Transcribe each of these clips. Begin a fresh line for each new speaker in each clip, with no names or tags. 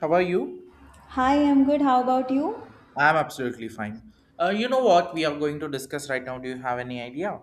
How are you?
Hi, I'm good. How about you?
I'm absolutely fine. You know what we are going to discuss right now? Do you have any idea?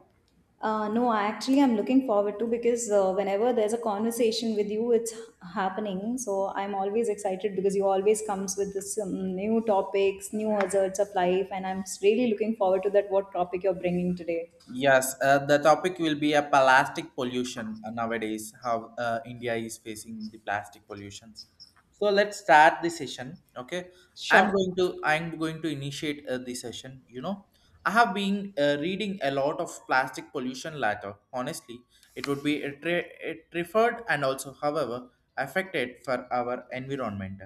No, I actually I'm looking forward to because whenever there's a conversation with you, it's happening. So I'm always excited because you always comes with this new topics, new hazards of life, and I'm really looking forward to that. What topic you're bringing today?
Yes, the topic will be a plastic pollution nowadays. How India is facing the plastic pollutions. So let's start the session. Okay, I'm
Sure.
going to I'm going to initiate the session. You know, I have been reading a lot of plastic pollution later. Honestly, it would be a preferred and also, however, affected for our environment.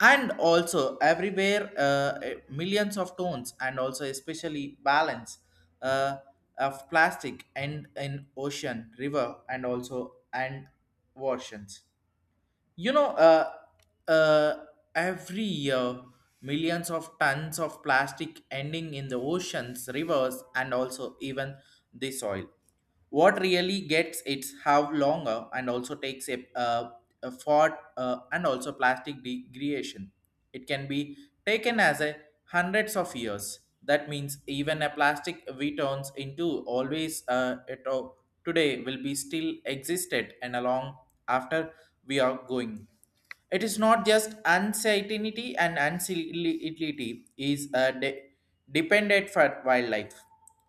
And also everywhere millions of tones and also especially balance uh, of plastic and in ocean river and also and oceans, you know uh, uh, every year millions of tons of plastic ending in the oceans rivers and also even the soil. What really gets it's how longer and also takes a fort, and also plastic degradation, it can be taken as a hundreds of years. That means even a plastic we turns into always, today will be still existed and along after we are going. It is not just uncertainty, and uncertainty is dependent for wildlife.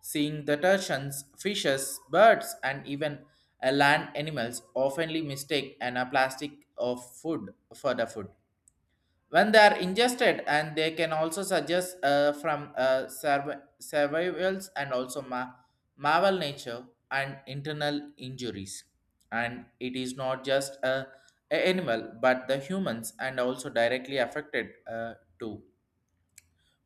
Seeing the turtles, fishes, birds, and even land animals oftenly mistake and a plastic of food for the food when they are ingested, and they can also suggest from survivals and also marvel nature and internal injuries. And it is not just a animal, but the humans and also directly affected too.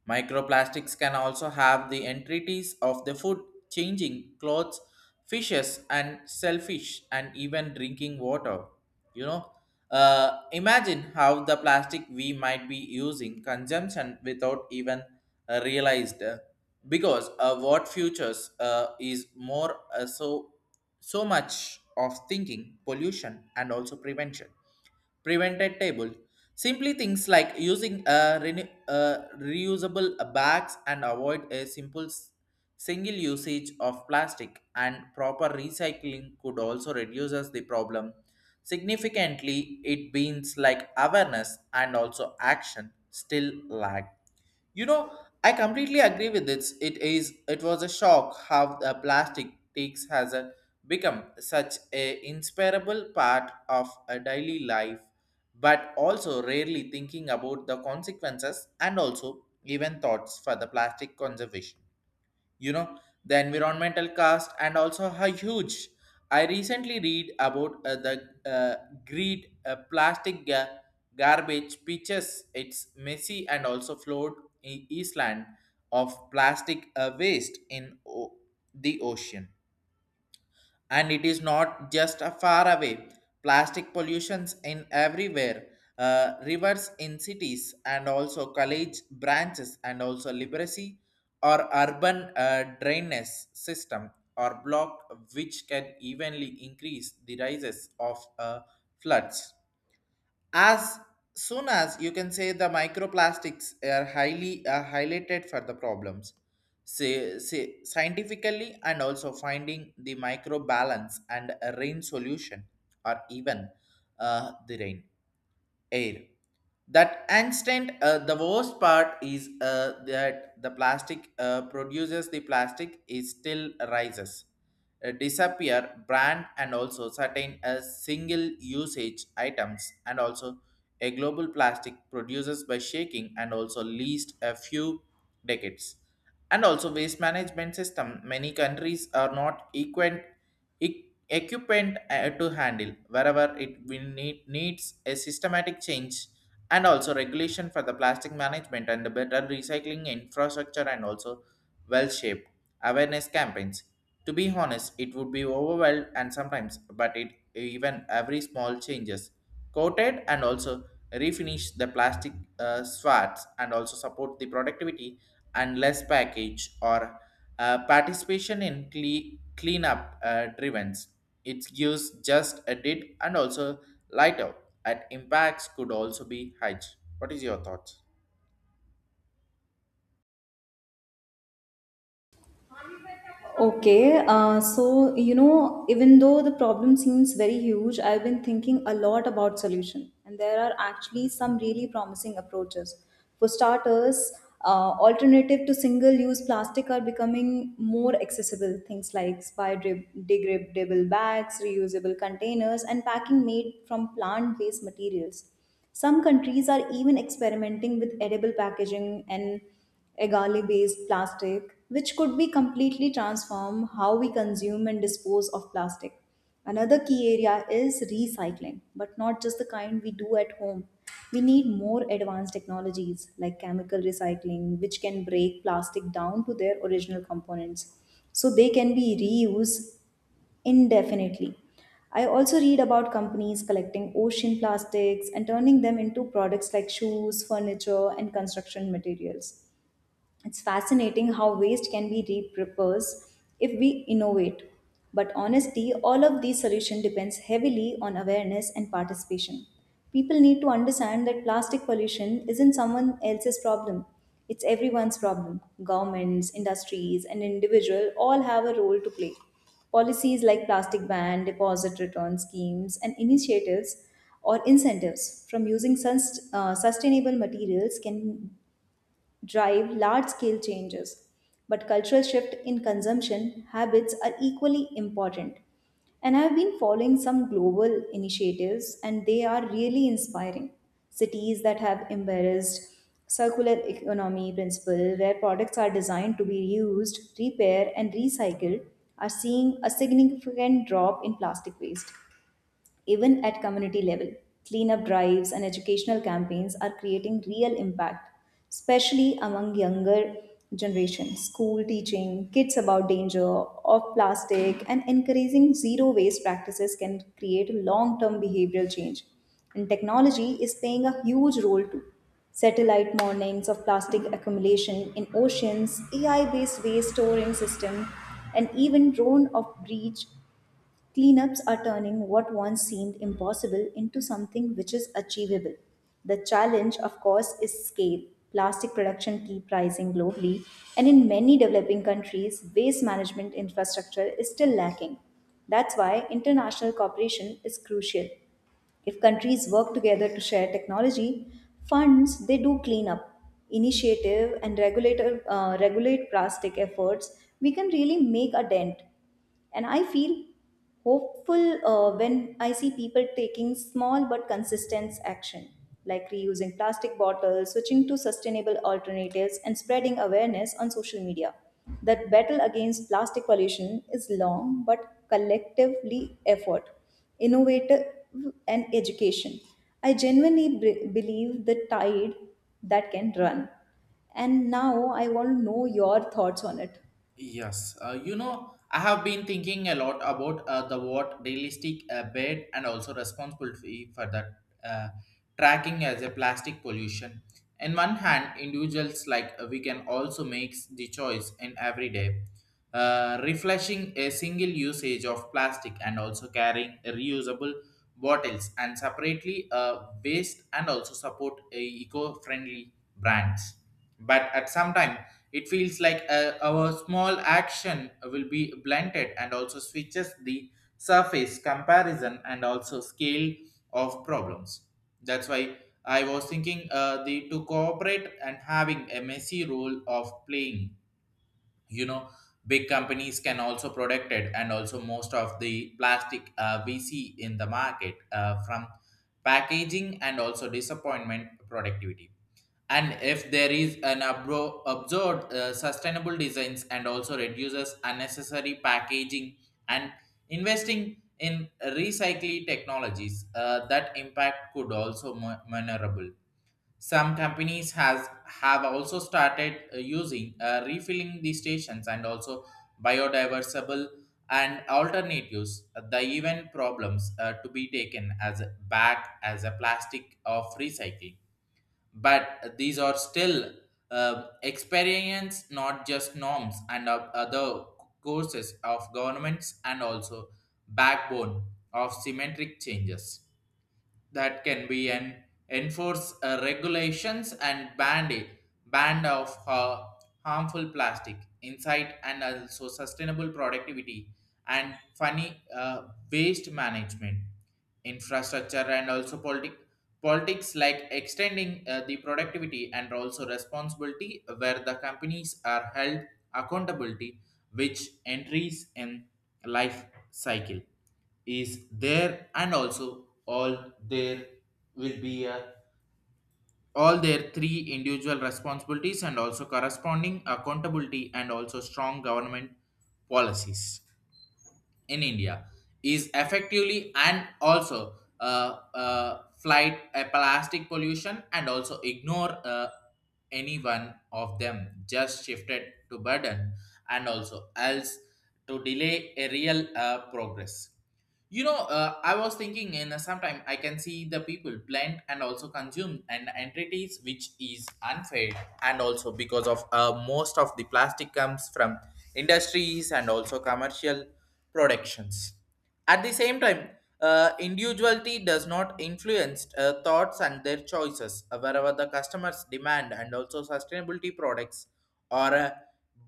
Microplastics can also have the entities of the food, changing clothes, fishes, and shellfish, and even drinking water. You know, imagine how the plastic we might be using consumption without even realized, because what futures is more, so much of thinking, pollution, and also prevention prevented table. Simply things like using a reusable bags and avoid a single usage of plastic and proper recycling could also reduces the problem significantly. It means like awareness and also action still lack, you know. I completely agree with this. It is it was a shock how the plastic takes has a, become such a inseparable part of a daily life, but also rarely thinking about the consequences and also even thoughts for the plastic conservation, you know, the environmental cost and also how huge. I recently read about the greed plastic garbage pitches. It's messy and also flowed in eastland of plastic waste in the ocean. And it is not just a far away, plastic pollutions in everywhere, rivers in cities and also college branches and also literacy or urban drainage system or block, which can evenly increase the rises of floods. As soon as you can say, the microplastics are highly highlighted for the problems. Say scientifically and also finding the micro balance and a rain solution or even the rain air. That instant, the worst part is that the plastic produces the plastic is still rises, disappear brand and also certain single usage items, and also a global plastic produces by shaking and also least a few decades. And also waste management system, many countries are not equal equipment to handle. Wherever it will needs a systematic change and also regulation for the plastic management and the better recycling infrastructure and also well shaped awareness campaigns. To be honest, it would be overwhelmed and sometimes, but it even every small changes coated and also refinish the plastic, swats and also support the productivity and less package or participation in cleanup drives. It gives just a did, and also light out at impacts could also be high. What is your thoughts?
Okay, so you know, even though the problem seems very huge, I've been thinking a lot about solution, and there are actually some really promising approaches. For starters, alternative to single-use plastic are becoming more accessible. Things like biodegradable bags, reusable containers, and packing made from plant-based materials. Some countries are even experimenting with edible packaging and a garlic based plastic, which could be completely transform how we consume and dispose of plastic. Another key area is recycling, but not just the kind we do at home. We need more advanced technologies like chemical recycling, which can break plastic down to their original components so they can be reused indefinitely. I also read about companies collecting ocean plastics and turning them into products like shoes, furniture, and construction materials. It's fascinating how waste can be repurposed if we innovate. But honestly, all of these solutions depends heavily on awareness and participation. People need to understand that plastic pollution isn't someone else's problem. It's everyone's problem. Governments, industries, and individual all have a role to play. Policies like plastic ban, deposit return schemes, and initiatives or incentives from using sustainable materials can drive large scale changes. But cultural shift in consumption habits are equally important. And I've been following some global initiatives, and they are really inspiring. Cities that have embraced circular economy principle, where products are designed to be reused, repaired, and recycled, are seeing a significant drop in plastic waste. Even at community level, cleanup drives and educational campaigns are creating real impact, especially among younger generations. School teaching kids about danger of plastic and encouraging zero waste practices can create a long-term behavioral change. And technology is playing a huge role too. Satellite warnings of plastic accumulation in oceans, AI based waste storing system, and even drone of breach cleanups are turning what once seemed impossible into something which is achievable. The challenge, of course, is scale. Plastic production keep rising globally, and in many developing countries, waste management infrastructure is still lacking. That's why international cooperation is crucial. If countries work together to share technology, funds, they do clean up. Initiative and regulate plastic efforts, we can really make a dent. And I feel hopeful when I see people taking small but consistent action, like reusing plastic bottles, switching to sustainable alternatives, and spreading awareness on social media. That battle against plastic pollution is long but collectively effort, innovative, and education. I genuinely believe the tide that can run. And now I want to know your thoughts on it.
Yes, you know, I have been thinking a lot about the what realistic bed and also responsibility for that tracking as a plastic pollution. In one hand, individuals like we can also makes the choice in every day, refreshing a single usage of plastic and also carrying reusable bottles and separately waste and also support a eco-friendly brands. But at some time, it feels like our small action will be blunted and also switches the surface comparison and also scale of problems. That's why I was thinking the to cooperate and having a messy role of playing. You know, big companies can also protect it, and also most of the plastic we see in the market from packaging and also disappointment productivity. And if there is an absurd sustainable designs and also reduces unnecessary packaging and investing in recycling technologies, that impact could also minorable. Some companies has have also started using refilling the stations and also biodiversible and alternatives. The even problems to be taken as back as a plastic of recycling, but these are still experience not just norms, and of other courses of governments and also backbone of symmetric changes that can be an enforce regulations and ban of harmful plastic insight and also sustainable productivity and funny, waste management infrastructure and also politics like extending the productivity and also responsibility, where the companies are held accountability which entries in life cycle is there. And also all there will be a all their three individual responsibilities and also corresponding accountability and also strong government policies in India is effectively and also flight a plastic pollution. And also ignore any one of them just shifted to burden and also else to delay a real progress. You know, I was thinking in sometime I can see the people blend and also consume and entities, which is unfair. And also because of most of the plastic comes from industries and also commercial productions. At the same time, individuality does not influence thoughts and their choices. Wherever the customers demand and also sustainability products or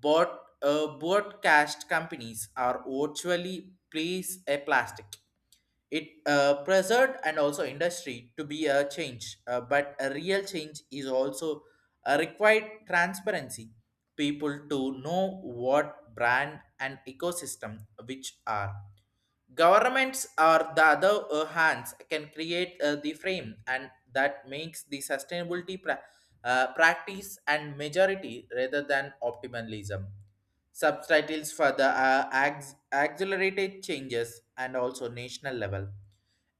bought broadcast companies are virtually place a plastic. It preserved and also industry to be a change, but a real change is also required transparency. People to know what brand and ecosystem which are. Governments or the other hands can create the frame and that makes the sustainability practice and majority rather than optimism. Subtitles for the accelerated changes and also national level.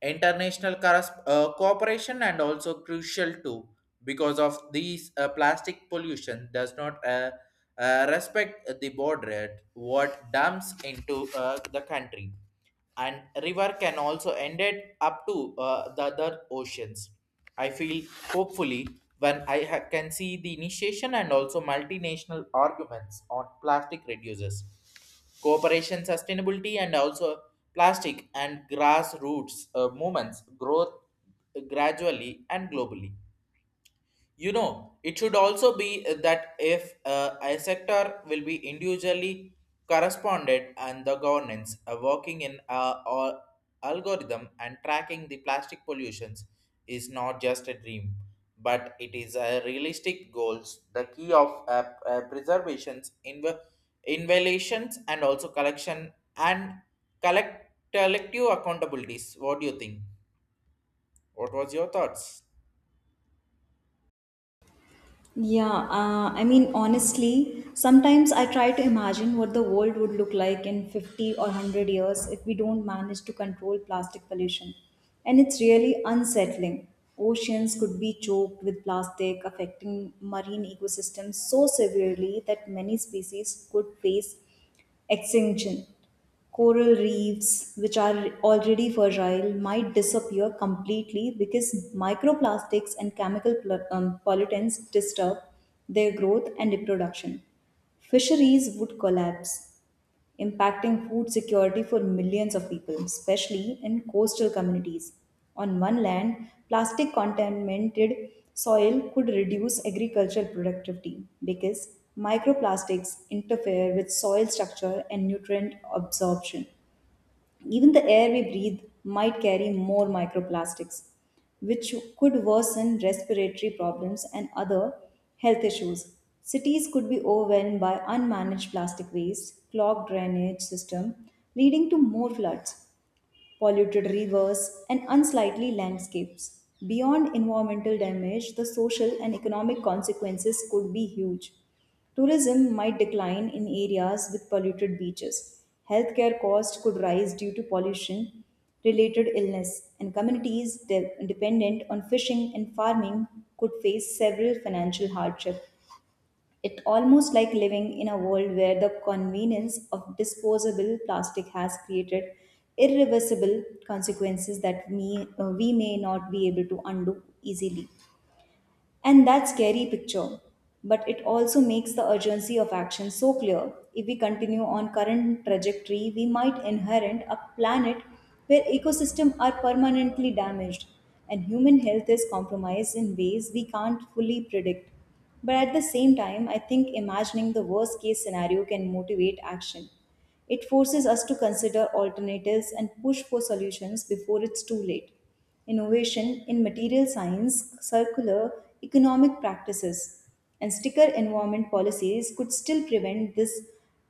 International cooperation and also crucial too, because of these plastic pollution does not respect the border. What dumps into the country and river can also end it up to the other oceans. I feel hopefully when I can see the initiation and also multinational arguments on plastic reduces cooperation, sustainability, and also plastic and grassroots movements growth gradually and globally. You know, it should also be that if a sector will be individually corresponded and the governance working in or algorithm and tracking the plastic pollutions is not just a dream, but it is a realistic goals. The key of preservations, invaluations, and also collection and collective accountabilities. What do you think? What was your thoughts?
Yeah, I mean, honestly, sometimes I try to imagine what the world would look like in 50 or 100 years if we don't manage to control plastic pollution. And it's really unsettling. Oceans could be choked with plastic, affecting marine ecosystems so severely that many species could face extinction. Coral reefs, which are already fragile, might disappear completely because microplastics and chemical pollutants disturb their growth and reproduction. Fisheries would collapse, impacting food security for millions of people, especially in coastal communities. On one land, plastic contaminated soil could reduce agricultural productivity because microplastics interfere with soil structure and nutrient absorption. Even the air we breathe might carry more microplastics, which could worsen respiratory problems and other health issues. Cities could be overwhelmed by unmanaged plastic waste, clogged drainage system, leading to more floods polluted rivers, and unsightly landscapes. Beyond environmental damage, the social and economic consequences could be huge. Tourism might decline in areas with polluted beaches. Healthcare costs could rise due to pollution related illness, and communities dependent on fishing and farming could face several financial hardship. It almost like living in a world where the convenience of disposable plastic has created irreversible consequences that we may not be able to undo easily. And that scary picture. But it also makes the urgency of action so clear. If we continue on current trajectory, we might inherit a planet where ecosystems are permanently damaged and human health is compromised in ways we can't fully predict. But at the same time, I think imagining the worst case scenario can motivate action. It forces us to consider alternatives and push for solutions before it's too late innovation in material science, circular economic practices, and sticker environment policies could still prevent this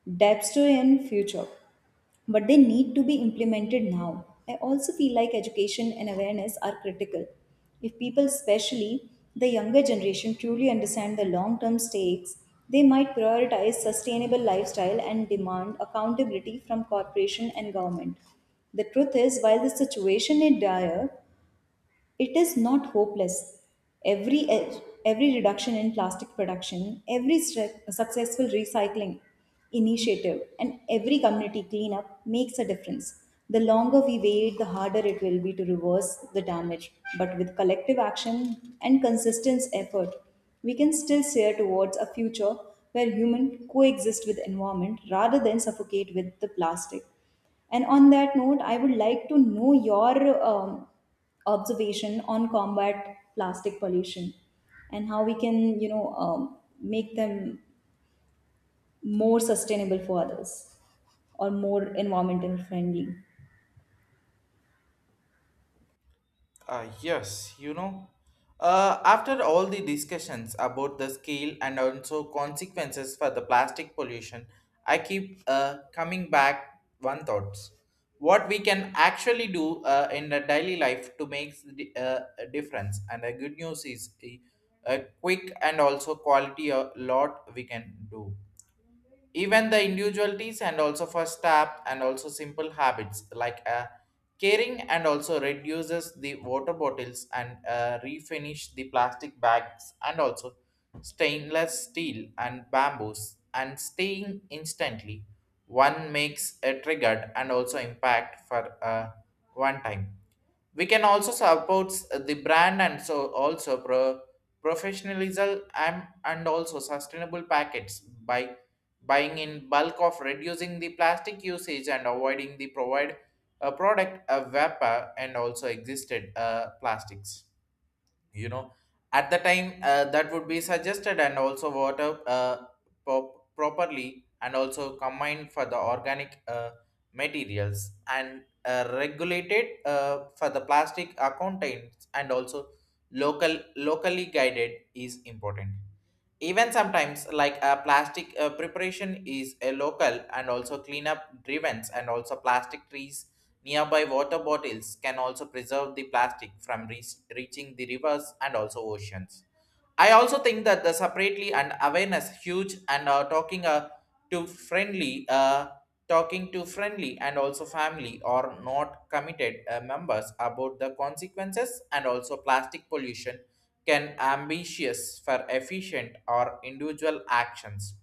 dystopian future. But they need to be implemented now. I also feel like education and awareness are critical. If people, especially the younger generation, truly understand the long term stakes, they might prioritize sustainable lifestyle and demand accountability from corporation and government. The truth is, while the situation is dire, it is not hopeless. Every every reduction in plastic production, every successful recycling initiative, and every community cleanup makes a difference. The longer we wait, the harder it will be to reverse the damage. But with collective action and consistent effort, we can still steer towards a future where human coexist with environment rather than suffocate with the plastic. And on that note, I would like to know your observation on combat plastic pollution and how we can make them more sustainable for others or more environmental friendly.
Yes, you know. After all the discussions about the scale and also consequences for the plastic pollution, I keep coming back one thoughts. What we can actually do in the daily life to make the a difference. And the good news is a quick and also quality a lot we can do, even the individualities and also for staff and also simple habits like caring and also reduces the water bottles and refinish the plastic bags and also stainless steel and bamboos and staying instantly one makes a triggered and also impact for one time. We can also support the brand and so also professionalism and also sustainable packets by buying in bulk of reducing the plastic usage and avoiding the provide a product a vapor and also existed plastics, you know, at the time that would be suggested and also water properly and also combined for the organic materials and regulated for the plastic contents and also locally guided is important. Even sometimes, like a plastic preparation is a local and also cleanup drivens and also plastic trees nearby water bottles can also preserve the plastic from reaching the rivers and also oceans. I also think that the separately and awareness huge and talking to friendly, uh, talking to friendly and also family or not committed members about the consequences and also plastic pollution can ambitious for efficient or individual actions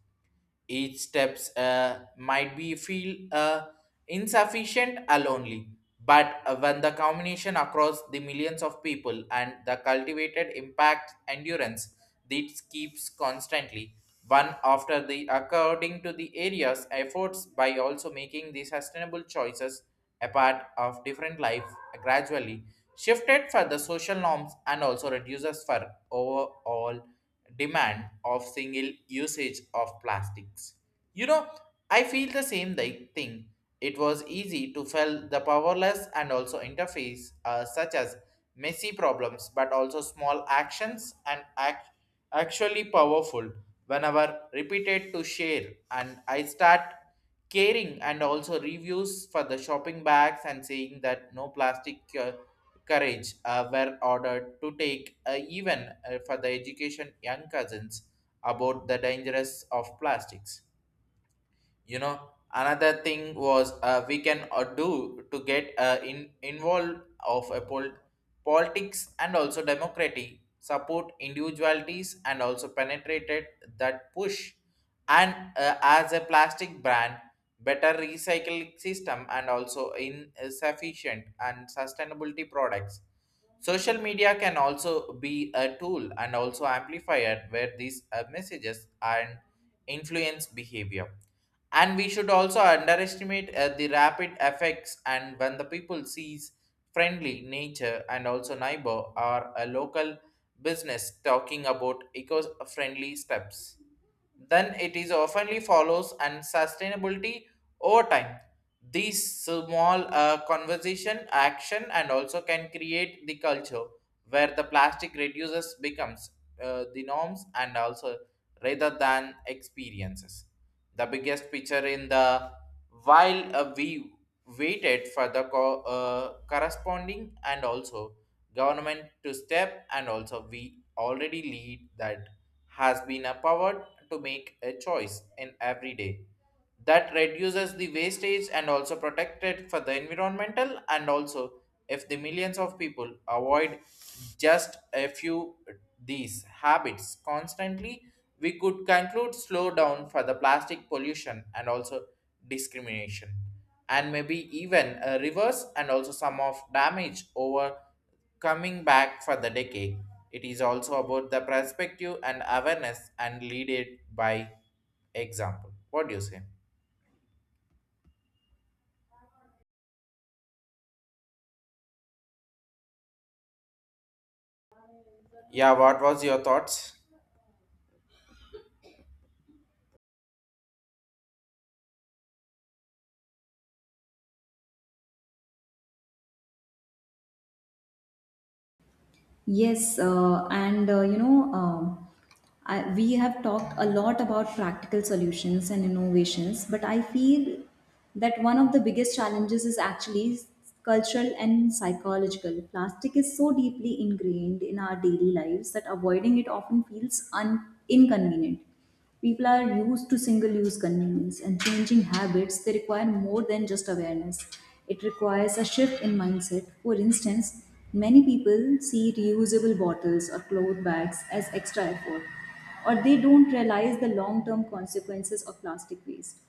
each steps might be feel insufficient alone, but when the combination across the millions of people and the cultivated impact endurance, this keeps constantly one after the according to the area's efforts by also making the sustainable choices a part of different life gradually shifted for the social norms and also reduces for overall demand of single usage of plastics. You know, I feel the same thing. It was easy to feel the powerless and also interface such as messy problems, but also small actions and actually powerful whenever repeated to share. And I start caring and also reviews for the shopping bags and saying that no plastic courage were ordered to take even for the education young cousins about the dangers of plastics. You know another thing was we can do to get in involved of a politics and also democracy support individualities and also penetrated that push and as a plastic brand better recycling system and also insufficient and sustainability products. Social media can also be a tool and also amplifier where these messages and influence behavior, and we should also underestimate the rapid effects and when the people sees friendly nature and also neighbor or a local business talking about eco-friendly steps, then it is oftenly follows and sustainability over time. These small conversation action and also can create the culture where the plastic reduces becomes the norms and also rather than experiences the biggest picture in the while we waited for the corresponding and also government to step, and also we already lead that has been empowered to make a choice in every day that reduces the wastage and also protected for the environmental. And also if the millions of people avoid just a few these habits constantly, we could conclude slow down for the plastic pollution and also discrimination and maybe even a reverse and also some of damage over coming back for the decade. It is also about the perspective and awareness and lead it by example. What do you say? Yeah, what was your thoughts?
Yes, and you know, I, We have talked a lot about practical solutions and innovations, but I feel that one of the biggest challenges is actually cultural and psychological. Plastic is so deeply ingrained in our daily lives that avoiding it often feels inconvenient. People are used to single use convenience and changing habits, they require more than just awareness. It requires a shift in mindset. For instance, many people see reusable bottles or cloth bags as extra effort, or they don't realize the long term consequences of plastic waste.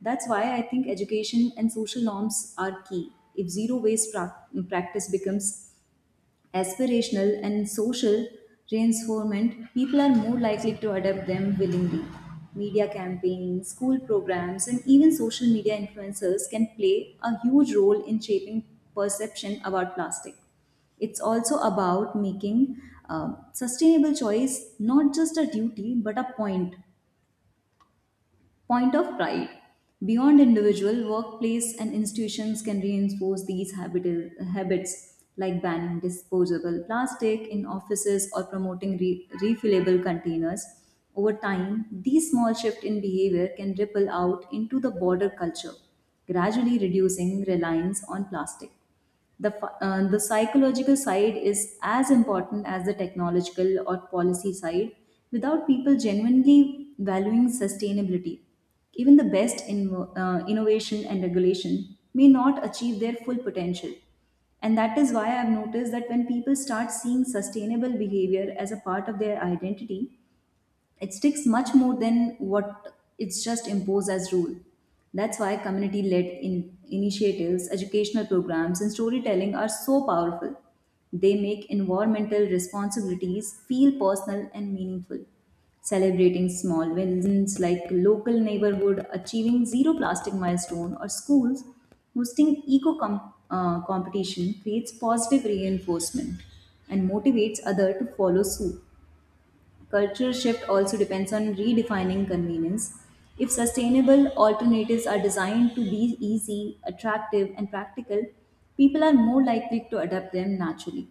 That's why I think education and social norms are key. If zero waste practice becomes aspirational and social reinforcement, people are more likely to adopt them willingly. Media campaigns, school programs, and even social media influencers can play a huge role in shaping perception about plastic. It's also about making sustainable choice not just a duty but a point of pride. Beyond individual, workplace and institutions can reinforce these habits like banning disposable plastic in offices or promoting refillable containers. Over time, these small shifts in behavior can ripple out into the broader culture, gradually reducing reliance on plastic. The psychological side is as important as the technological or policy side without people genuinely valuing sustainability. Even the best innovation and regulation may not achieve their full potential. And that is why I've noticed that when people start seeing sustainable behavior as a part of their identity, it sticks much more than what it's just imposed as rule. That's why community led in initiatives, educational programs, and storytelling are so powerful. They make environmental responsibilities feel personal and meaningful. Celebrating small wins like local neighborhood achieving zero plastic milestone or schools hosting competition creates positive reinforcement and motivates others to follow suit. Cultural shift also depends on redefining convenience. If sustainable alternatives are designed to be easy, attractive, and practical, people are more likely to adapt them naturally.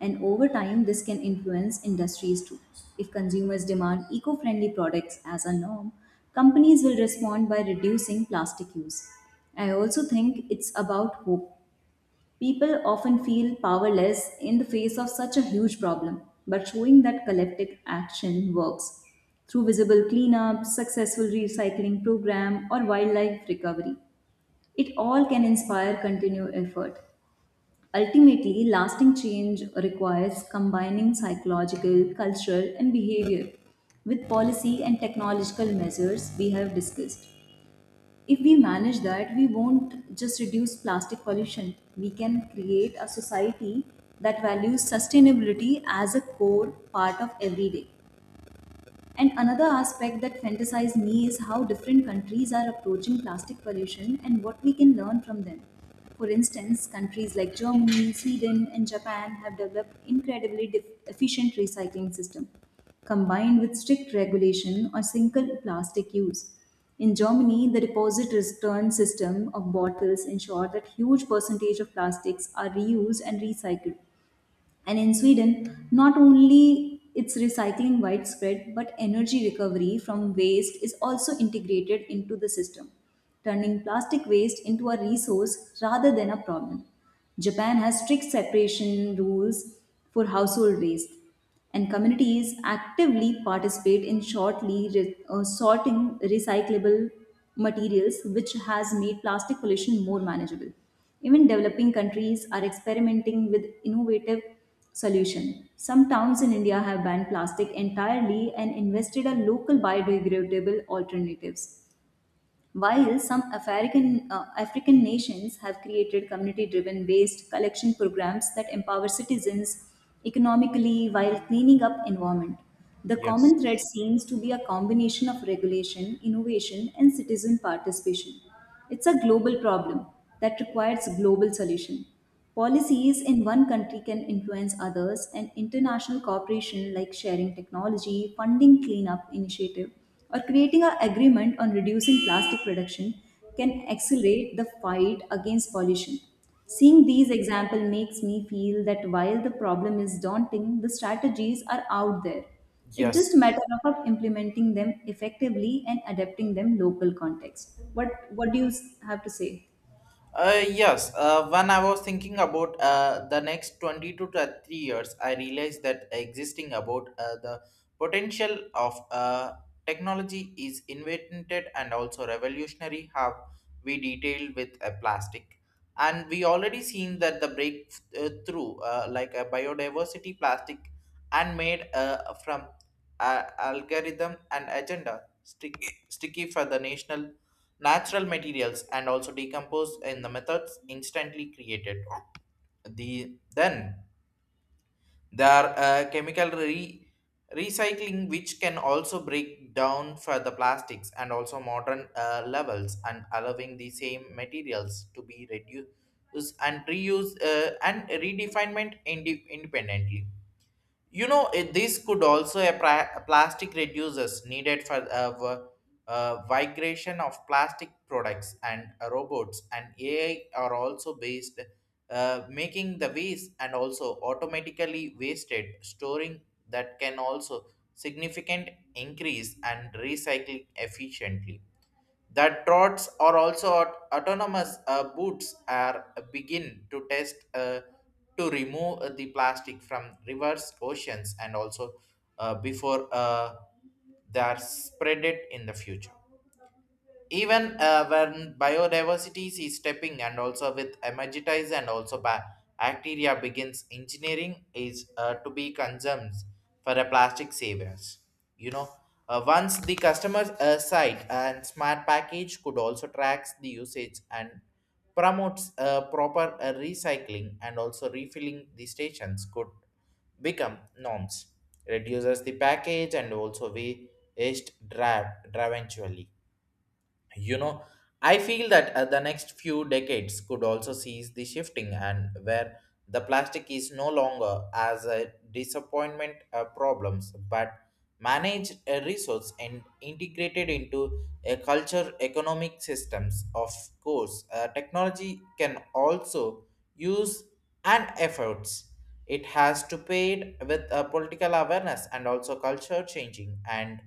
And over time, this can influence industries too. If consumers demand eco friendly products as a norm, companies will respond by reducing plastic use. I also think it's about hope. People often feel powerless in the face of such a huge problem, but showing that collective action works through visible cleanup, successful recycling program, or wildlife recovery. It all can inspire continued effort. Ultimately, lasting change requires combining psychological, cultural, and behavior with policy and technological measures we have discussed. If we manage that, we won't just reduce plastic pollution, we can create a society that values sustainability as a core part of every day. And another aspect that fantasizes me is how different countries are approaching plastic pollution and what we can learn from them. For instance, countries like Germany, Sweden, and Japan have developed incredibly efficient recycling system, combined with strict regulation on single plastic use. In Germany, the deposit return system of bottles ensure that huge percentage of plastics are reused and recycled, and in Sweden, not only it's recycling widespread, but energy recovery from waste is also integrated into the system, turning plastic waste into a resource rather than a problem. Japan has strict separation rules for household waste, and communities actively participate in shortly sorting recyclable materials which has made plastic pollution more manageable. Even developing countries are experimenting with innovative solutions. Some towns in India have banned plastic entirely and invested in local biodegradable alternatives, while some African nations have created community driven waste collection programs that empower citizens economically while cleaning up environment. The
Yes.
common thread seems to be a combination of regulation, innovation, and citizen participation. It's a global problem that requires global solution. Policies in one country can influence others, and international cooperation like sharing technology, funding cleanup initiative, or creating an agreement on reducing plastic production can accelerate the fight against pollution. Seeing these examples makes me feel that while the problem is daunting, the strategies are out there. It's
Yes.
just a matter of implementing them effectively and adapting them local context. What do you have to say?
Yes, when I was thinking about the next 20 to 30 years, I realized that existing about the potential of technology is invented and also revolutionary how we detailed with a plastic. And we already seen that the breakthrough like a biodiversity plastic and made from algorithm and agenda stick, sticky for the national natural materials and also decompose in the methods instantly created. The then there are uh, chemical re- recycling which can also break down for the plastics and also modern levels and allowing the same materials to be reduced and reused and redefined independently. You know, this could also a plastic reducers needed for migration of plastic products and robots and AI are also based, making the waste and also automatically wasted storing that can also significant increase and recycling efficiently. The trots are also autonomous boots are begin to test to remove the plastic from rivers oceans and also before they are spread it in the future even when biodiversity is stepping and also with emergitize and also bacteria begins engineering is to be consumed for a plastic savers. You know, once the customer's site and smart package could also tracks the usage and promotes proper recycling and also refilling the stations could become norms reduces the package and also waste drive eventually. You know, I feel that the next few decades could also see the shifting and where the plastic is no longer as a disappointment problems but managed a resource and integrated into a culture economic systems. Of course technology can also use and efforts it has to paid with a political awareness and also culture changing and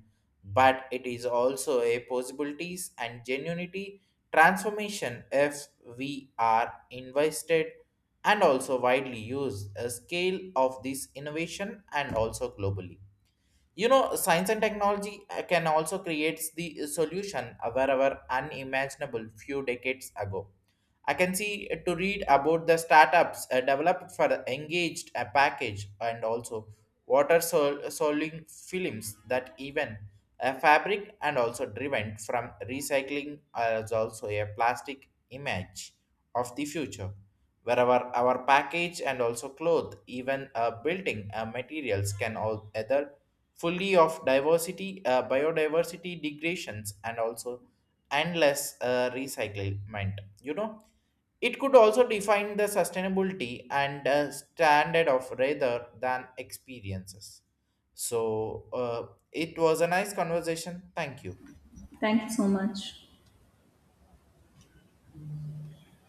but it is also a possibilities and genuinity transformation if we are invested and also widely used a scale of this innovation and also globally. You know science and technology can also create the solution wherever unimaginable few decades ago. I can see to read about the startups developed for engaged a package and also water solving films that even a fabric and also driven from recycling as also a plastic image of the future wherever our package and also cloth even building materials can all either fully of diversity, biodiversity degradations, and also endless recyclement. You know, it could also define the sustainability and standard of rather than experiences. So it was a nice conversation. Thank you.
Thank you so much.